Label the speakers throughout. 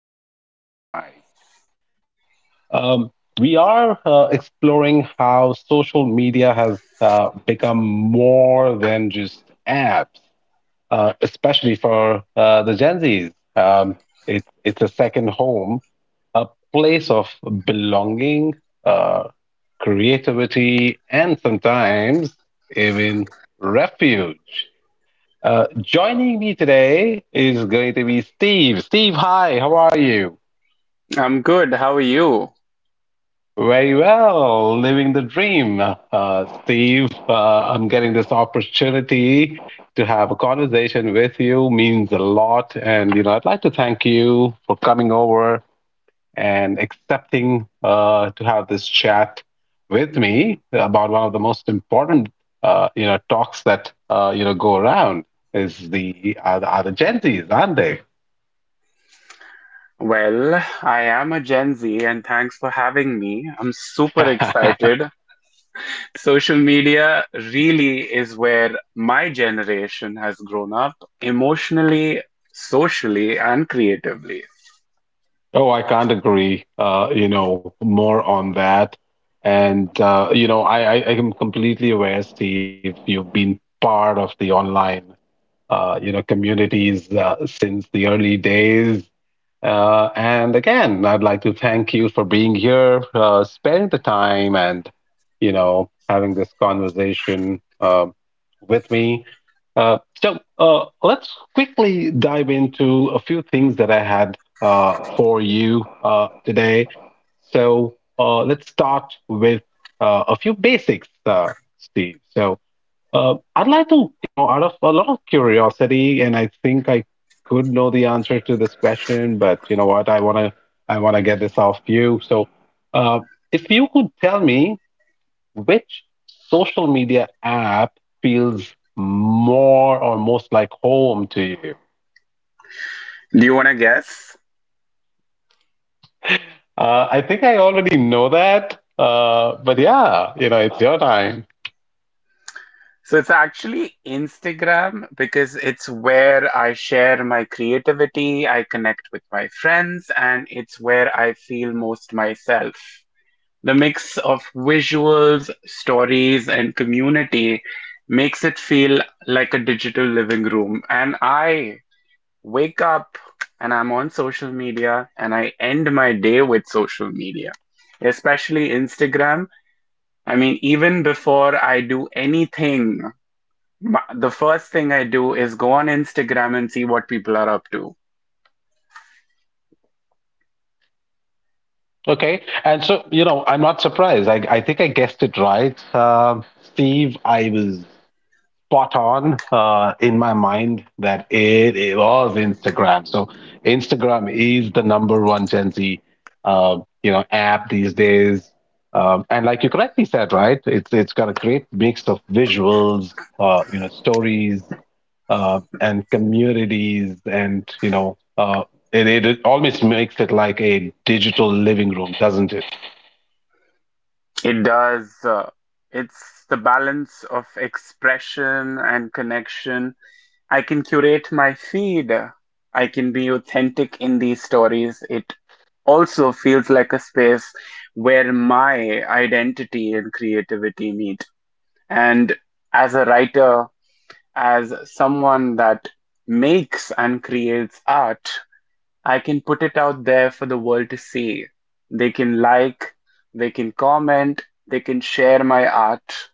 Speaker 1: be your host tonight. Um, we are exploring how social media has become more than just apps, especially for the Gen Zs. It's a second home, a place of belonging, uh, creativity, and sometimes even refuge. Joining me today is going to be Steve. Steve, hi, how are you?
Speaker 2: I'm good. How are you?
Speaker 1: Very well, living the dream. Steve, I'm getting this opportunity to have a conversation with you means a lot, and you know I'd like to thank you for coming over and accepting to have this chat with me about one of the most important talks that go around is the are the, are the Gen Zs, aren't they?
Speaker 2: Well, I am a Gen Z and thanks for having me. I'm super excited. Social media really is where my generation has grown up emotionally, socially, and creatively.
Speaker 1: Oh, I can't agree. You know, more on that. And you know, I am completely aware, Steve. You've been part of the online, you know, communities since the early days. And again, I'd like to thank you for being here, sparing the time, and you know having this conversation with me. Let's quickly dive into a few things that I had for you today. Let's start with a few basics, Steve. I'd like to, you know, out of a lot of curiosity, and I think I could know the answer to this question, but you know what? I wanna get this off you. So, uh, if you could tell me which social media app feels more or most like home to you,
Speaker 2: Do you want to guess?
Speaker 1: I think I already know that. But yeah, you know, it's your time.
Speaker 2: So it's actually Instagram because it's where I share my creativity, I connect with my friends, and it's where I feel most myself. The mix of visuals, stories, and community makes it feel like a digital living room. And I wake up and I'm on social media and I end my day with social media, especially Instagram. I mean, even before I do anything, the first thing I do is go on Instagram and see what people are up to.
Speaker 1: Okay, and so you know, I'm not surprised. I think I guessed it right, Steve. I was spot on in my mind that it was Instagram. So Instagram is the number one Gen Z, you know, app these days. And like you correctly said, right? It's got a great mix of visuals, you know, stories, and communities, and you know, it almost makes it like a digital living room, doesn't it?
Speaker 2: It does. It's the balance of expression and connection. I can curate my feed. I can be authentic in these stories. It also feels like a space where my identity and creativity meet. And as a writer, as someone that makes and creates art, I can put it out there for the world to see. They can like, they can comment, they can share my art,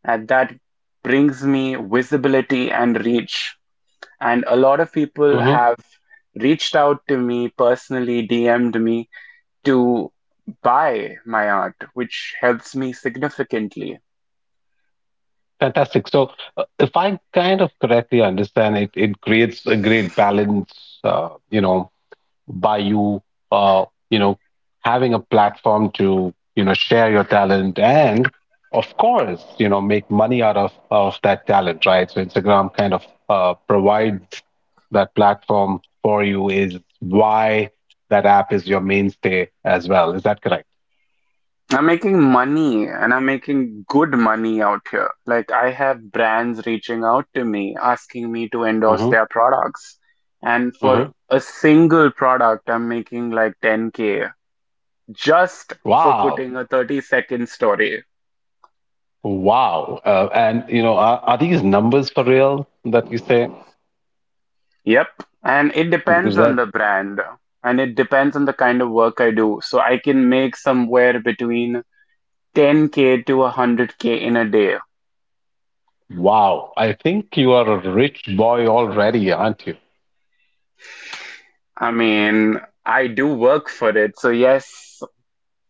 Speaker 2: and that brings me visibility and reach. And a lot of people have reached out to me personally, DM'd me to buy my art, which helps me significantly.
Speaker 1: Fantastic. So, if I kind of correctly understand it, it creates a great balance, you know, by you, you know, having a platform to, you know, share your talent and, of course, you know, make money out of that talent, right? So Instagram kind of provides that platform for you is why that app is your mainstay as well. Is that correct?
Speaker 2: I'm making money and I'm making good money out here. Like, I have brands reaching out to me, asking me to endorse
Speaker 1: Mm-hmm.
Speaker 2: their products. And for
Speaker 1: Mm-hmm.
Speaker 2: a single product, I'm making like 10K just for
Speaker 1: Wow.
Speaker 2: putting a 30-second story.
Speaker 1: Wow. And you know, are these numbers for real that you say?
Speaker 2: Yep. And it depends
Speaker 1: Because
Speaker 2: on
Speaker 1: that,
Speaker 2: the brand and it depends on the kind of work I do. So I can make somewhere between 10K to 100K in a day.
Speaker 1: wow, I think you are a rich boy already, aren't you?
Speaker 2: I mean, I do work for it. So, yes,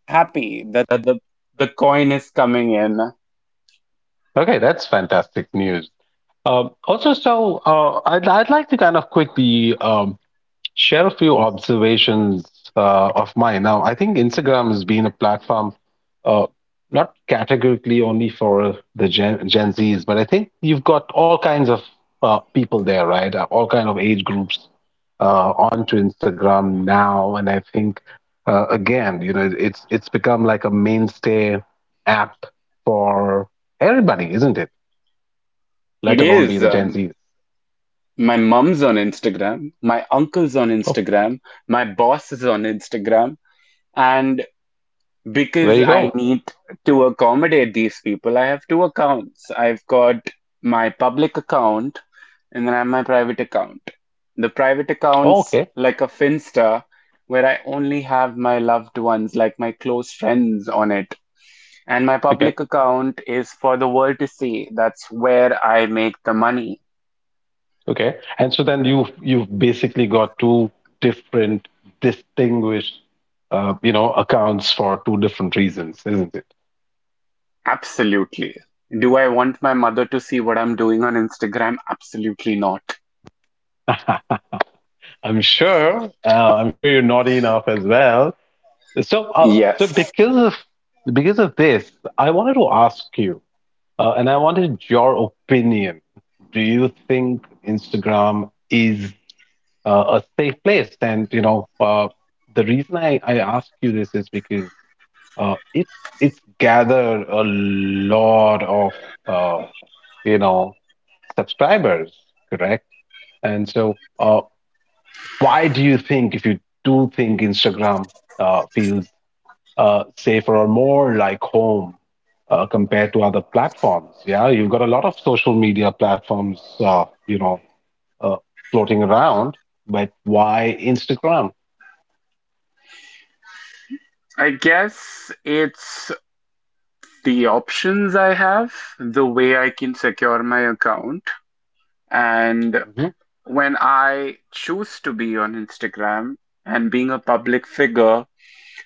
Speaker 2: happy that the coin is coming in.
Speaker 1: Okay, that's fantastic news. Also, I'd like to kind of quickly share a few observations of mine. Now, I think Instagram has been a platform, uh, not categorically only for the Gen Zs, but I think you've got all kinds of people there, right? All kind of age groups onto Instagram now, and I think again, you know, it's become like a mainstay app for everybody, isn't it?
Speaker 2: It
Speaker 1: Let alone be
Speaker 2: is.
Speaker 1: the Gen Zs.
Speaker 2: My mom's on Instagram. My uncle's on
Speaker 1: Oh,
Speaker 2: Instagram. My boss is on Instagram. And
Speaker 1: there
Speaker 2: because
Speaker 1: you
Speaker 2: I
Speaker 1: go.
Speaker 2: need to accommodate these people, I have two accounts. I've got my public account and then I have my private account. The private
Speaker 1: Oh,
Speaker 2: account's
Speaker 1: okay,
Speaker 2: like a Finsta where I only have my loved ones, like my close friends on it. And my
Speaker 1: okay.
Speaker 2: public account is for the world to see. That's where I make the money.
Speaker 1: Okay. And so then you've basically got two different distinguished you know accounts for two different reasons, isn't it?
Speaker 2: Absolutely. Do I want my mother to see what I'm doing on Instagram? Absolutely not.
Speaker 1: I'm sure. I'm sure you're naughty enough as well. So uh, so
Speaker 2: Yes.
Speaker 1: because of because of this, I wanted to ask you, and I wanted your opinion. Do you think Instagram is a safe place? And you know, the reason I ask you this is because uh, it's it's gathered a lot of uh, you know subscribers, correct? And so, why do you think, if you do think Instagram feels safer or more like home compared to other platforms? Yeah, you've got a lot of social media platforms, you know, uh, floating around, but why Instagram?
Speaker 2: I guess it's the options I have, the way I can secure my account, and when I choose to be on Instagram and being a public figure,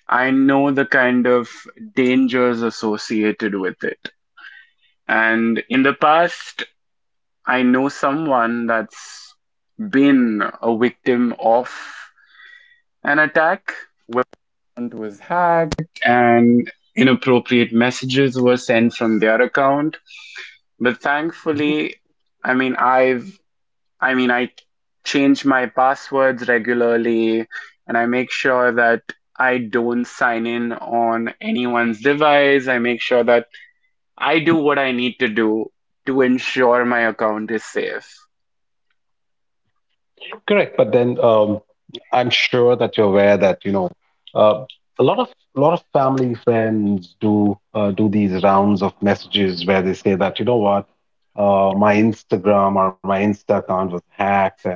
Speaker 2: I know the kind of dangers associated with it. And in the past, I know someone that's been a victim of an attack where account was hacked and inappropriate messages were sent from their account. But thankfully, I mean, I mean, I change my passwords regularly and I make sure that I don't sign in on anyone's device. I make sure that I do what I need to do to ensure my account is safe.
Speaker 1: Correct, but then I'm sure that you're aware that you know uh, a lot of a lot of family friends do do these rounds of messages where they say that you know what my Instagram or my Insta account was hacked and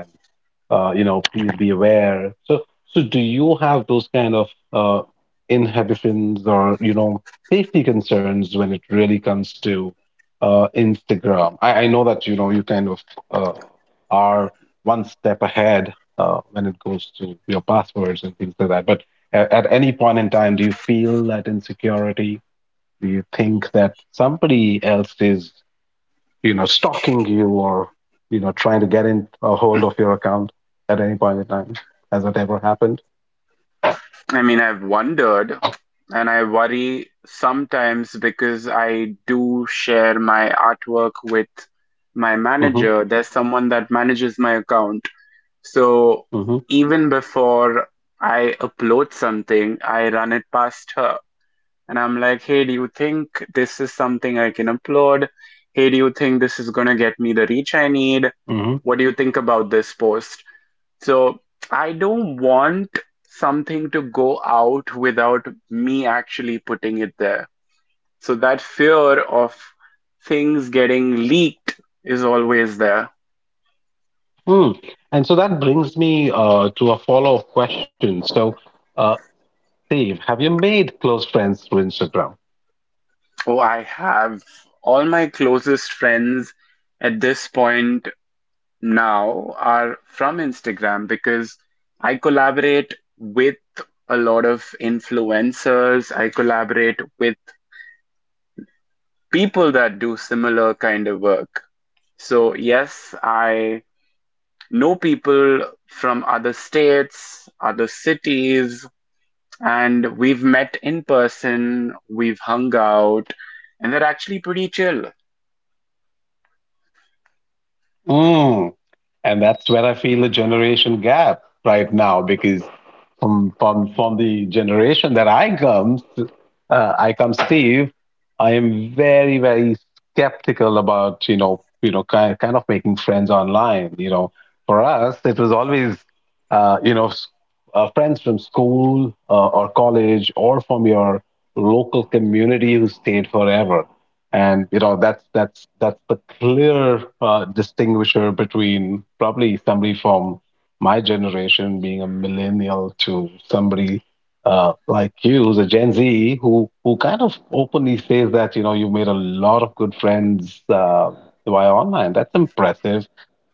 Speaker 1: you know, please be aware. So, so do you have those kind of inhibitions or, you know, safety concerns when it really comes to Instagram? I know that, you know, you kind of uh, are one step ahead when it goes to your passwords and things like that. But at any point in time, do you feel that insecurity? Do you think that somebody else is? You know, stalking you or, you know, trying to get in a hold of your account at any point in time. Has that ever happened?
Speaker 2: I mean, I've wondered and I worry sometimes because I do share my artwork with my
Speaker 1: Mm-hmm,
Speaker 2: manager. There's someone that manages my account. So
Speaker 1: mm-hmm,
Speaker 2: even before I upload something, I run it past her. And I'm like, hey, do you think this is something I can upload? Hey, do you think this is going to get me the reach I need?
Speaker 1: mm-hmm.
Speaker 2: What do you think about this post? So I don't want something to go out without me actually putting it there. So that fear of things getting leaked is always there.
Speaker 1: Mm. And so that brings me to a follow-up question. So, uh, Dave, have you made close friends through Instagram?
Speaker 2: Oh, I have. All my closest friends at this point now are from Instagram because I collaborate with a lot of influencers. I collaborate with people that do similar kind of work. So, yes, I know people from other states, other cities, and we've met in person, we've hung out, and they're actually pretty chill.
Speaker 1: Mm. And that's where I feel a generation gap right now because from the generation that I come Steve, I am very skeptical about you know kind of making friends online. You know, for us it was always you know friends from school or college or from your local community who stayed forever and you know that's the clear distinguisher between probably somebody from my generation being a millennial to somebody like you who's a Gen Z who kind of openly says that you know you made a lot of good friends via online. That's impressive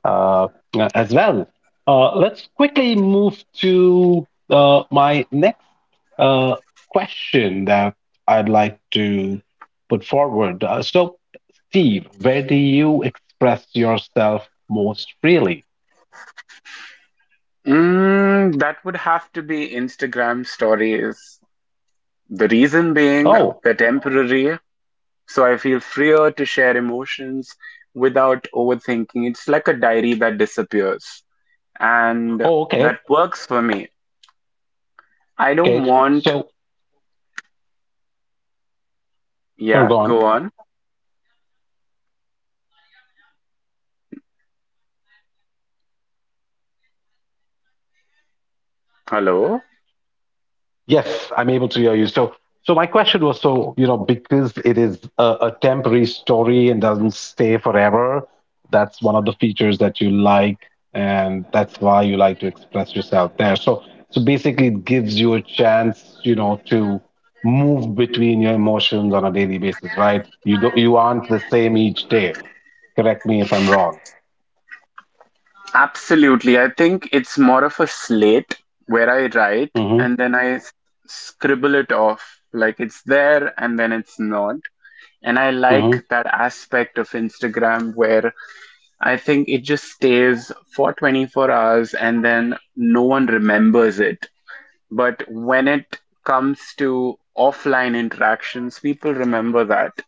Speaker 1: uh, as well. Let's quickly move to my next uh, question that I'd like to put forward. So, Steve, where do you express yourself most freely?
Speaker 2: Mm, that would have to be Instagram stories. The reason being
Speaker 1: Oh,
Speaker 2: they're temporary, so I feel freer to share emotions without overthinking. It's like a diary that disappears, and
Speaker 1: oh, okay,
Speaker 2: that works for me. I don't
Speaker 1: okay.
Speaker 2: want,
Speaker 1: So, sure,
Speaker 2: yeah,
Speaker 1: go on.
Speaker 2: go on. Hello.
Speaker 1: Yes, I'm able to hear you. So, so my question was, so, you know, because it is a temporary story and doesn't stay forever, that's one of the features that you like, and that's why you like to express yourself there. So, so basically, it gives you a chance, you know, to move between your emotions on a daily basis, right? You don't, you aren't the same each day. Correct me if I'm wrong.
Speaker 2: Absolutely. I think it's more of a slate where I write
Speaker 1: Mm-hmm.
Speaker 2: and then I scribble it off. Like it's there and then it's not. And I
Speaker 1: Mm-hmm.
Speaker 2: like that aspect of Instagram where I think it just stays for 24 hours and then no one remembers it. But when it comes to offline interactions, people remember that.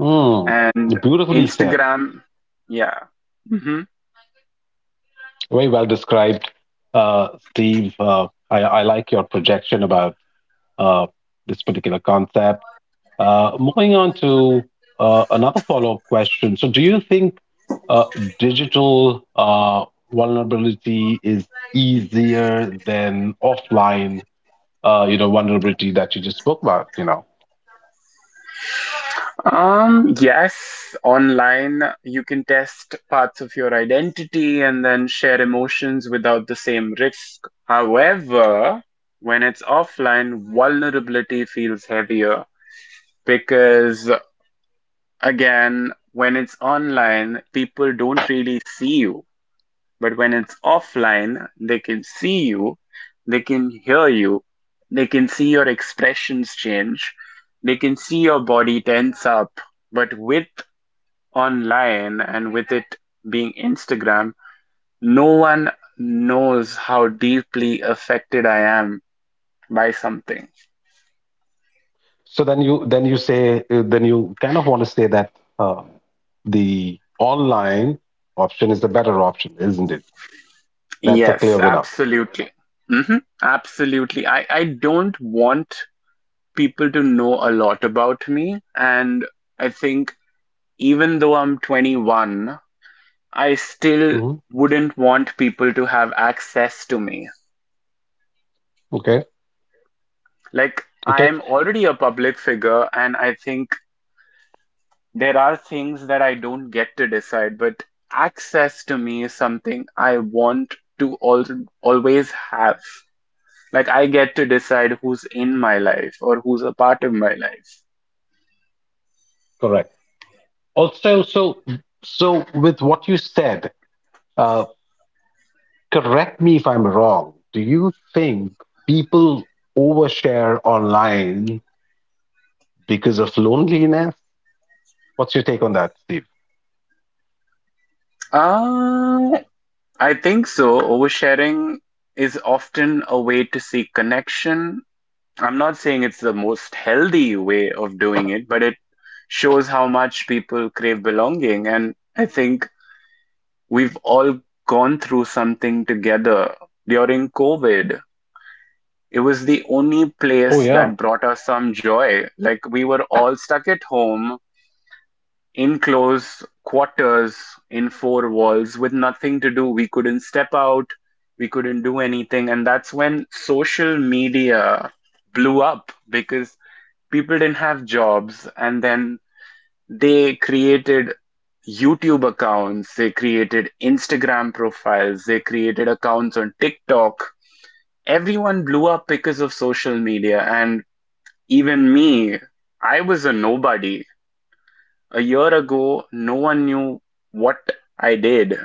Speaker 1: Mm.
Speaker 2: And
Speaker 1: Beautifully said.
Speaker 2: Instagram, yeah. Hmm.
Speaker 1: Very well described, Steve. I like your projection about uh, this particular concept. Moving on to another follow-up question. So, do you think uh, digital vulnerability is easier than offline, you know, vulnerability that you just spoke about? You know,
Speaker 2: Yes, online you can test parts of your identity and then share emotions without the same risk. However, when it's offline, vulnerability feels heavier because, again, when it's online, people don't really see you. But when it's offline, they can see you, they can hear you, they can see your expressions change, they can see your body tense up. But with online and with it being Instagram, no one knows how deeply affected I am by something.
Speaker 1: so then you say then you kind of want to say that uh, the online option is the better option, isn't it? That's a
Speaker 2: Yes,
Speaker 1: clear winner.
Speaker 2: absolutely. Hmm. Absolutely. I don't want people to know a lot about me. And I think even though I'm 21, I still
Speaker 1: Hmm.
Speaker 2: wouldn't want people to have access to me.
Speaker 1: Okay.
Speaker 2: Like, I
Speaker 1: Okay.
Speaker 2: am already a public figure, and I think there are things that I don't get to decide, but access to me is something I want to always have. Like, I get to decide who's in my life or who's a part of my life.
Speaker 1: Correct. Also, so so with what you said, uh, correct me if I'm wrong. Do you think people overshare online because of loneliness? What's your take on that, Steve?
Speaker 2: Uh, I think so. Oversharing is often a way to seek connection. I'm not saying it's the most healthy way of doing it, but it shows how much people crave belonging. And I think we've all gone through something together during COVID. It was the only
Speaker 1: Oh
Speaker 2: place
Speaker 1: yeah,
Speaker 2: that brought us some joy. Like we were all stuck at home in close quarters in four walls with nothing to do. We couldn't step out. We couldn't do anything. And that's when social media blew up because people didn't have jobs and then they created YouTube accounts, they created Instagram profiles, they created accounts on TikTok. Everyone blew up because of social media, and even me, I was a nobody. A year ago, no one knew what I did,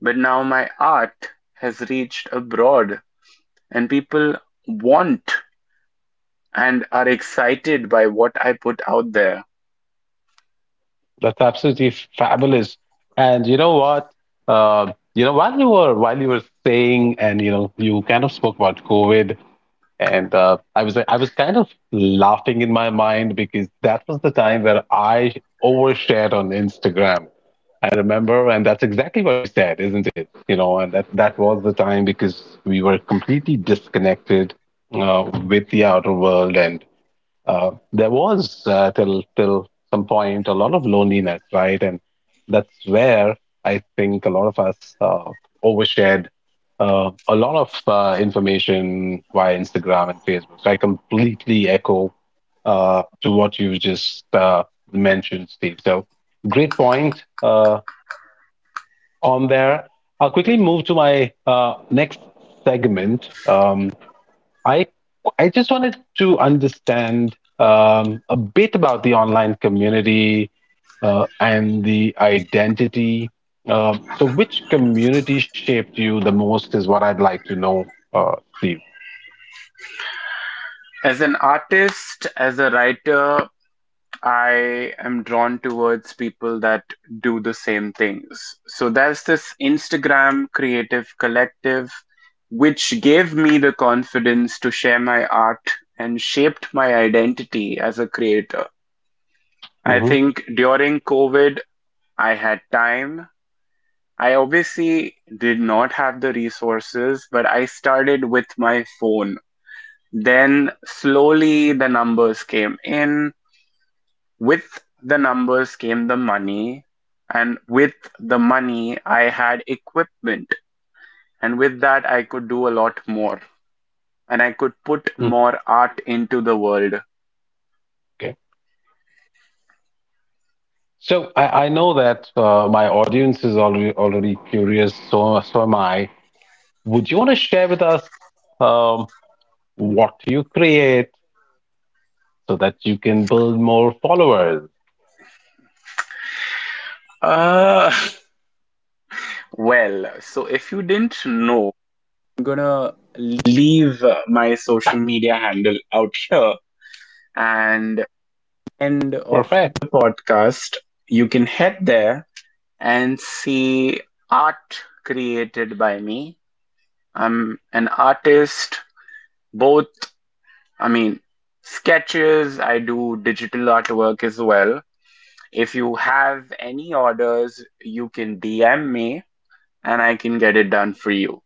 Speaker 2: but now my art has reached abroad, and people want and are excited by what I put out there.
Speaker 1: that's absolutely fabulous. And you know what? You know, while you were saying, and you know, you kind of spoke about COVID, and I was kind of laughing in my mind because that was the time where I overshared on Instagram. I remember, and that's exactly what you said, isn't it? You know, and that that was the time because we were completely disconnected with the outer world, and there was till some point a lot of loneliness, right? And that's where I think a lot of us overshared a lot of information via Instagram and Facebook. So I completely echo to what you just mentioned, Steve. So great point. On there. I'll quickly move to my next segment. I I just wanted to understand a bit about the online community and the identity. So, which community shaped you the most is what I'd like to know, Steve.
Speaker 2: As an artist, as a writer, I am drawn towards people that do the same things. So there's this Instagram creative collective which gave me the confidence to share my art and shaped my identity as a creator. I
Speaker 1: Hmm.
Speaker 2: think during COVID, I had time. I obviously did not have the resources, but I started with my phone. Then slowly the numbers came in. With the numbers came the money, and with the money, I had equipment, and with that, I could do a lot more, and I could put more art into the world.
Speaker 1: Okay. So I know that my audience is already curious. So so am I. Would you want to share with us? Um, what you create so that you can build more followers.
Speaker 2: Uh, well, so if you didn't know, I'm gonna leave my social media handle out here, and end of
Speaker 1: Perfect.
Speaker 2: the podcast, you can head there and see art created by me. I'm an artist, both, I mean, sketches, I do digital artwork as well. If you have any orders, you can DM me and I can get it done for you.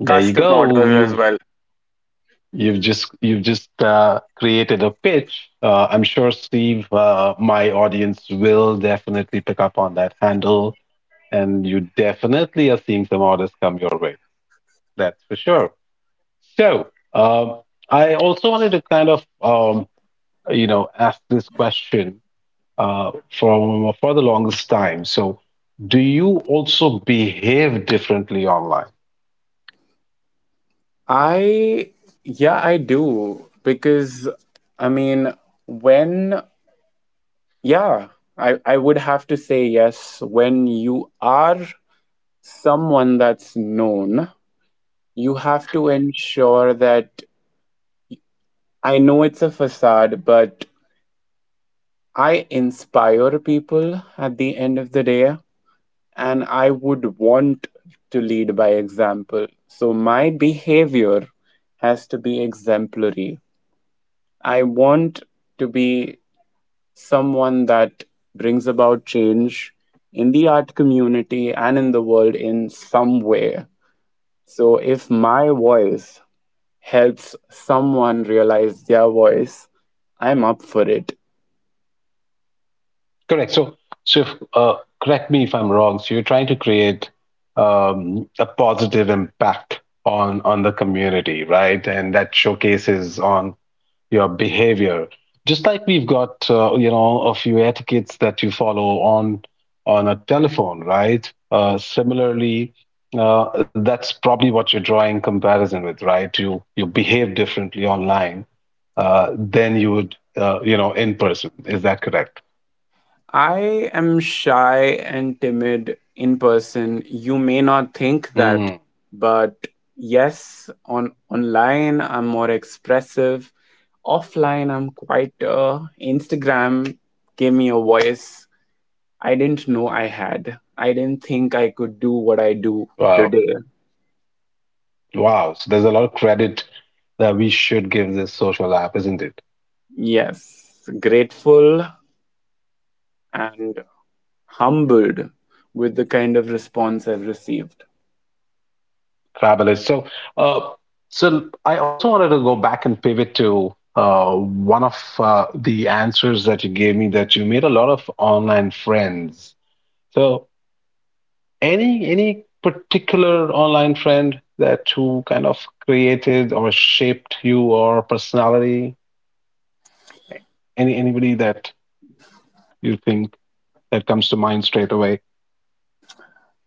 Speaker 1: There you
Speaker 2: Custom
Speaker 1: go.
Speaker 2: orders as
Speaker 1: You've
Speaker 2: well.
Speaker 1: you've just you've just uh, created a pitch. I'm sure Steve, my audience will definitely pick up on that handle, and you definitely are seeing some orders come your way. That's for sure. So I also wanted to kind of you know ask this question uh, from for the longest time. So, do you also behave differently online?
Speaker 2: I, yeah, I do. Because, I mean, when, yeah, I would have to say yes. When you are someone that's known, you have to ensure that I know it's a facade, but I inspire people at the end of the day, and I would want to lead by example. So my behavior has to be exemplary. I want to be someone that brings about change in the art community and in the world in some way. So if my voice helps someone realize their voice, I'm up for it.
Speaker 1: Correct. So, so if, correct me if I'm wrong. So you're trying to create a positive impact on the community, right? And that showcases on your behavior just like we've got a few etiquettes that you follow on a telephone, right? Similarly, that's probably what you're drawing comparison with, right? You behave differently online than you would, in person. Is that correct?
Speaker 2: I am shy and timid in person. You may not think that,
Speaker 1: Mm.
Speaker 2: but yes, on online I'm more expressive. Offline I'm quite. Instagram gave me a voice I didn't know I had. I didn't think I could do what I do
Speaker 1: Wow.
Speaker 2: today.
Speaker 1: Wow, so there's a lot of credit that we should give this social app, isn't it?
Speaker 2: Yes, grateful and humbled with the kind of response I've received.
Speaker 1: Fabulous. So, uh, so I also wanted to go back and pivot to one of the answers that you gave me, that you made a lot of online friends. So, any particular online friend that who kind of created or shaped you or personality? Anybody that you think that comes to mind straight away?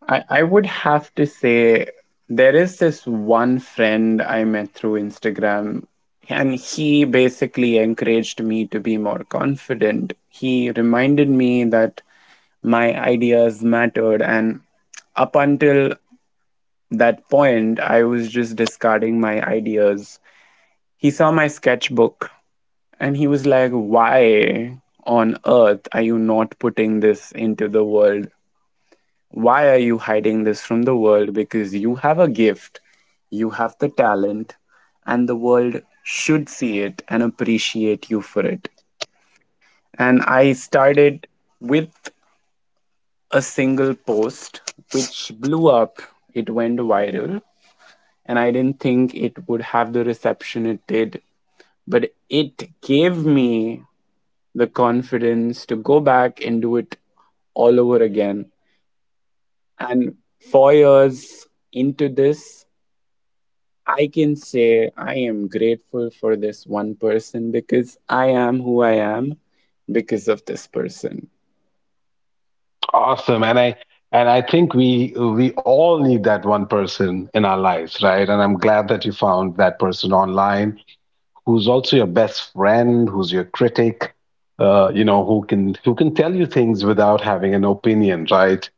Speaker 2: I would have to say there is this one friend I met through Instagram, and he basically encouraged me to be more confident. He reminded me that my ideas mattered, and up until that point, I was just discarding my ideas. He saw my sketchbook and he was like, why on earth are you not putting this into the world? Why are you hiding this from the world? Because you have a gift, you have the talent, and the world should see it and appreciate you for it. And I started with a single post which blew up, it went viral, and I didn't think it would have the reception it did, but it gave me the confidence to go back and do it all over again. And 4 years into this, I can say I am grateful for this one person because I am who I am because of this person.
Speaker 1: Awesome. And I think we all need that one person in our lives, right? And I'm glad that you found that person online, who's also your best friend, who's your critic, who can tell you things without having an opinion, right?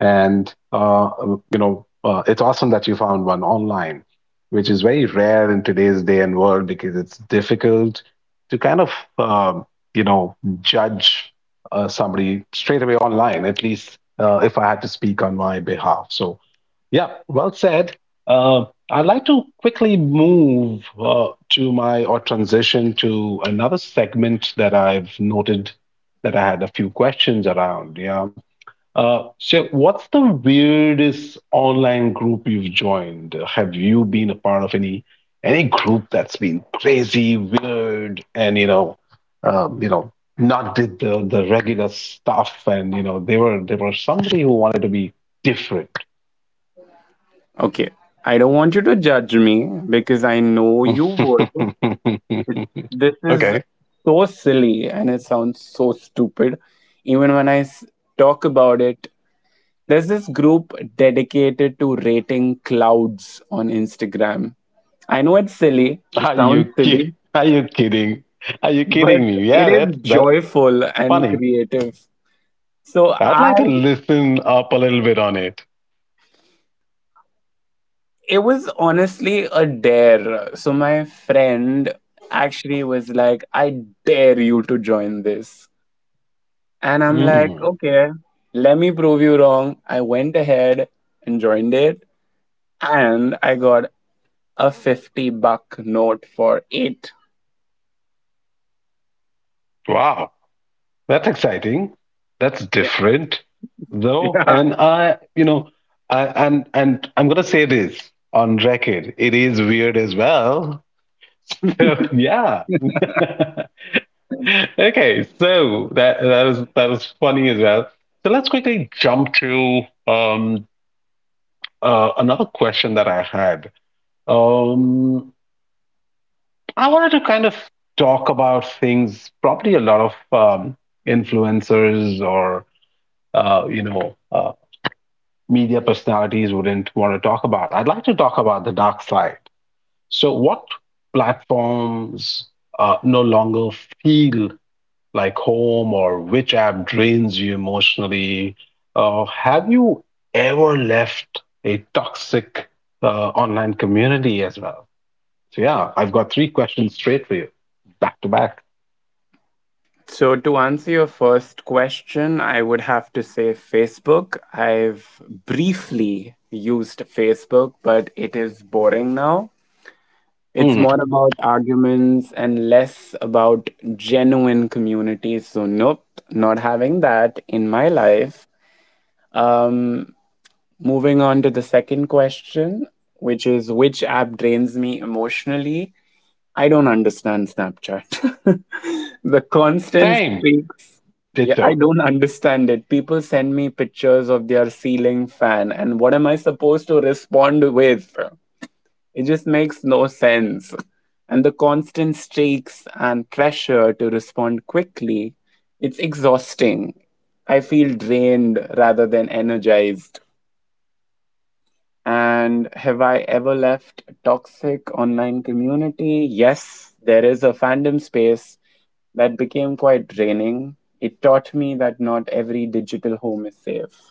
Speaker 1: And it's awesome that you found one online, which is very rare in today's day and world because it's difficult to kind of um you know judge somebody straight away online. At least if I had to speak on my behalf, so yeah, well said. I'd like to quickly move to my, or transition to another segment that I've noted, that I had a few questions around. Yeah. So, what's the weirdest online group you've joined? Have you been a part of any group that's been crazy, weird, and um, you know, not did the regular stuff? And you know, they were somebody who wanted to be different.
Speaker 2: Okay, I don't want you to judge me because I know you would. It- This is
Speaker 1: Okay.
Speaker 2: so silly and it sounds so stupid. Even when I talk about it, there's this group dedicated to rating clouds on Instagram. I know it's silly, it sounds silly,
Speaker 1: Are you kidding? Are you kidding
Speaker 2: but
Speaker 1: me? Yeah,
Speaker 2: it is
Speaker 1: that's
Speaker 2: joyful and
Speaker 1: funny.
Speaker 2: creative So
Speaker 1: I'd like to
Speaker 2: I
Speaker 1: listen up a little bit on it.
Speaker 2: It was honestly a dare. So my friend actually was like, I dare you to join this. And I'm like,
Speaker 1: Mm.
Speaker 2: okay, let me prove you wrong. I went ahead and joined it, and I got a 50 buck note for it.
Speaker 1: Wow, that's exciting. That's
Speaker 2: Yeah.
Speaker 1: different, though.
Speaker 2: Yeah.
Speaker 1: And I, you know, I, and I'm gonna say this on record. It is weird as well. So yeah. Okay, so that was that was funny as well. So let's quickly jump to um another question that I had. Um, I wanted to kind of talk about things probably a lot of influencers or uh, you know uh, media personalities wouldn't want to talk about. I'd like to talk about the dark side. So what platforms no longer feel like home, or which app drains you emotionally? Have you ever left a toxic online community as well? So, yeah, I've got three questions straight for you, back to back.
Speaker 2: So to answer your first question, I would have to say Facebook. I've briefly used Facebook, but it is boring now. It's
Speaker 1: Mm,
Speaker 2: more about arguments and less about genuine community. So, nope, not having that in my life. Um, Moving on to the second question, which is, which app drains me emotionally? I don't understand Snapchat. The constant
Speaker 1: same,
Speaker 2: streaks. Yeah, I
Speaker 1: ditto.
Speaker 2: don't understand it. People send me pictures of their ceiling fan, and what am I supposed to respond with? It just makes no sense. And the constant stakes and pressure to respond quickly, it's exhausting. I feel drained rather than energized. And have I ever left a toxic online community? Yes, there is a fandom space that became quite draining. It taught me that not every digital home is safe.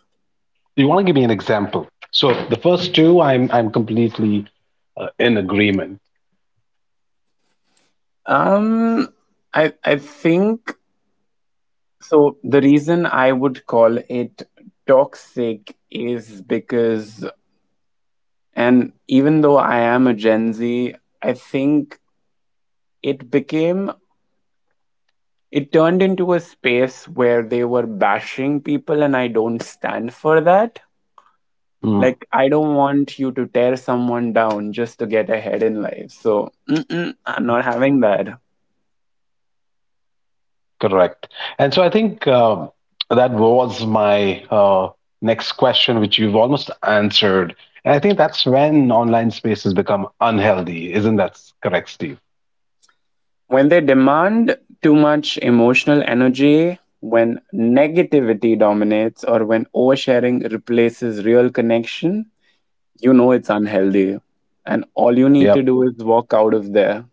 Speaker 1: You want to give me an example? So, the first two, I'm completely in agreement.
Speaker 2: Um, I think, so the reason I would call it toxic is because, and even though I am a Gen Z, I think it became, it turned into a space where they were bashing people, and I don't stand for that.
Speaker 1: Mm.
Speaker 2: Like, I don't want you to tear someone down just to get ahead in life. So, mm-mm, I'm not having that.
Speaker 1: Correct. And so I think that was my next question, which you've almost answered. And I think that's when online spaces become unhealthy. Isn't that correct, Steve?
Speaker 2: When they demand too much emotional energy, when negativity dominates, or when oversharing replaces real connection, you know it's unhealthy. And all you need to
Speaker 1: Yep,
Speaker 2: do is walk out of there.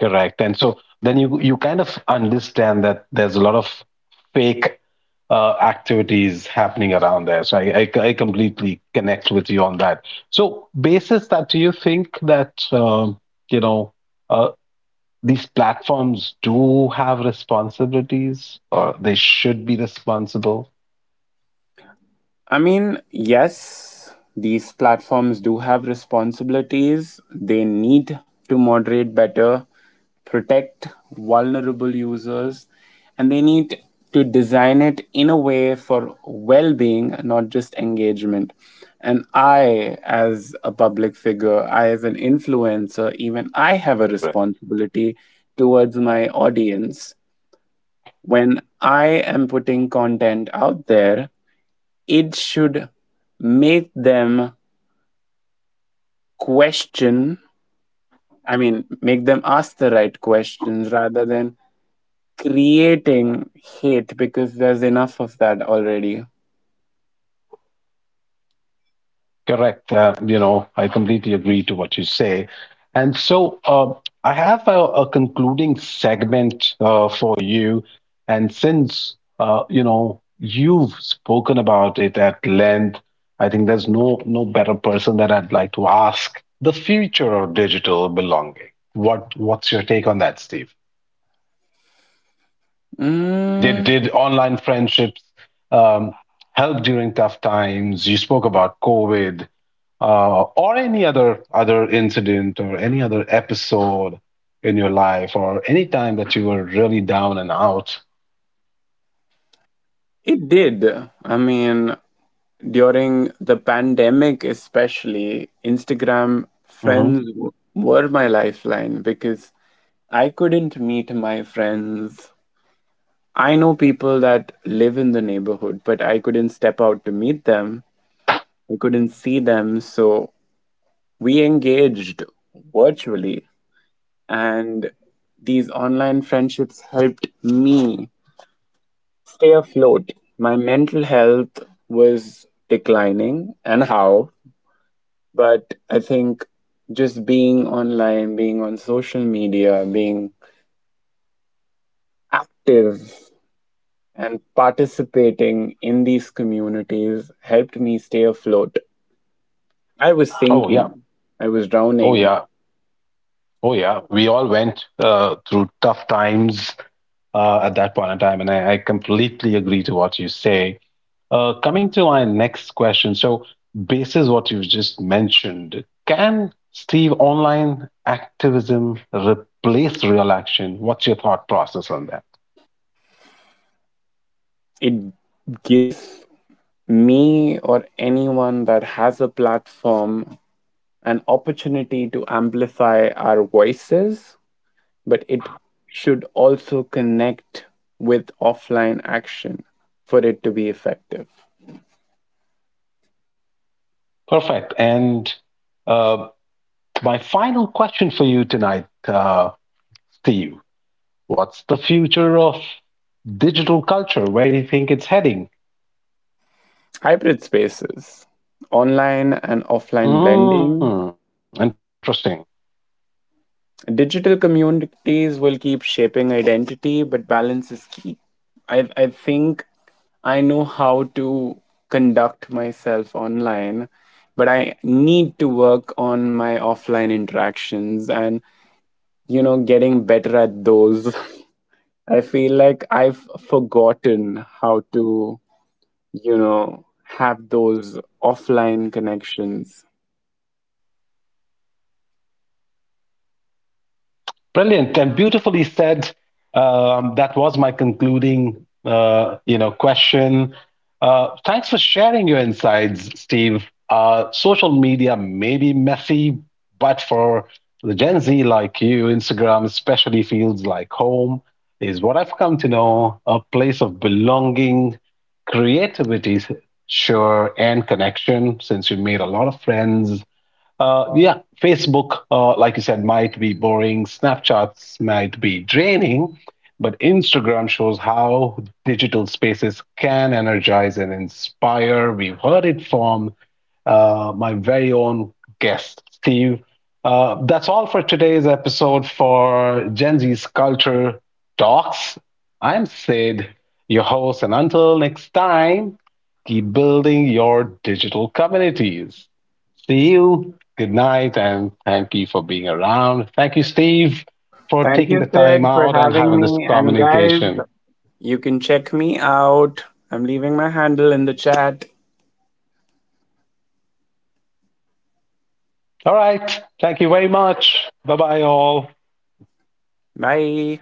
Speaker 1: correct. And so then you kind of understand that there's a lot of fake activities happening around there. So I completely connect with you on that. So basis that, do you think that you know? Uh, these platforms do have responsibilities, or they should be responsible?
Speaker 2: I mean, yes, these platforms do have responsibilities. They need to moderate better, protect vulnerable users, and they need to design it in a way for well being, not just engagement. And I, as a public figure, I, as an influencer, even I have a
Speaker 1: Correct.
Speaker 2: responsibility towards my audience. When I am putting content out there, it should make them question, I mean make them ask the right questions rather than creating hate, because there's enough of that already.
Speaker 1: Correct. I completely agree to what you say. And so I have a concluding segment for you. And since, you've spoken about it at length, I think there's no, no better person that I'd like to ask the future of digital belonging. What's your take on that, Steve? Did
Speaker 2: Mm,
Speaker 1: did online friendships um, help during tough times? You spoke about COVID or any other other incident or any other episode in your life, or any time that you were really down and out.
Speaker 2: it did. I mean, during the pandemic, especially Instagram
Speaker 1: Hmm.
Speaker 2: friends were my lifeline because I couldn't meet my friends. I know people that live in the neighborhood, but I couldn't step out to meet them. We couldn't see them, so we engaged virtually. And these online friendships helped me stay afloat. My mental health was declining, and how? But I think just being online, being on social media, being active and participating in these communities helped me stay afloat. I was
Speaker 1: Oh yeah,
Speaker 2: sinking, I was
Speaker 1: oh
Speaker 2: drowning.
Speaker 1: yeah. Oh yeah, we all went through tough times at that point in time, and I completely agree to what you say. Coming to my next question, so basis what you've just mentioned, can, Steve, online activism replace real action? What's your thought process on that?
Speaker 2: It gives me, or anyone that has a platform, an opportunity to amplify our voices, but it should also connect with offline action for it to be effective.
Speaker 1: Perfect. And uh, my final question for you tonight, Steve, what's the future of digital culture? Where do you think it's heading?
Speaker 2: Hybrid spaces, online and offline
Speaker 1: Mm,
Speaker 2: blending.
Speaker 1: interesting.
Speaker 2: Digital communities will keep shaping identity, but balance is key. I think I know how to conduct myself online, but I need to work on my offline interactions and, you know, getting better at those. I feel like I've forgotten how to, you know, have those offline connections.
Speaker 1: Brilliant and beautifully said. That was my concluding, question. Thanks for sharing your insights, Steve. Social media may be messy, but for the Gen Z like you, Instagram especially feels like home, is what I've come to know, a place of belonging, creativity, sure, and connection, since you made a lot of friends. Yeah, Facebook, like you said, might be boring. Snapchats might be draining, but Instagram shows how digital spaces can energize and inspire. We've heard it from my very own guest, Steve. That's all for today's episode for Gen Z's Culture Talks. I'm Sid, your host, and until next time, keep building your digital communities. See you. Good night, and thank you for being around. Thank you, Steve, for
Speaker 2: Thank you,
Speaker 1: taking the
Speaker 2: Sid,
Speaker 1: time
Speaker 2: for
Speaker 1: out and
Speaker 2: having
Speaker 1: having this
Speaker 2: me. And guys,
Speaker 1: communication.
Speaker 2: you can check me out. I'm leaving my handle in the chat.
Speaker 1: All right. Thank you very much. Bye bye, all.
Speaker 2: Bye.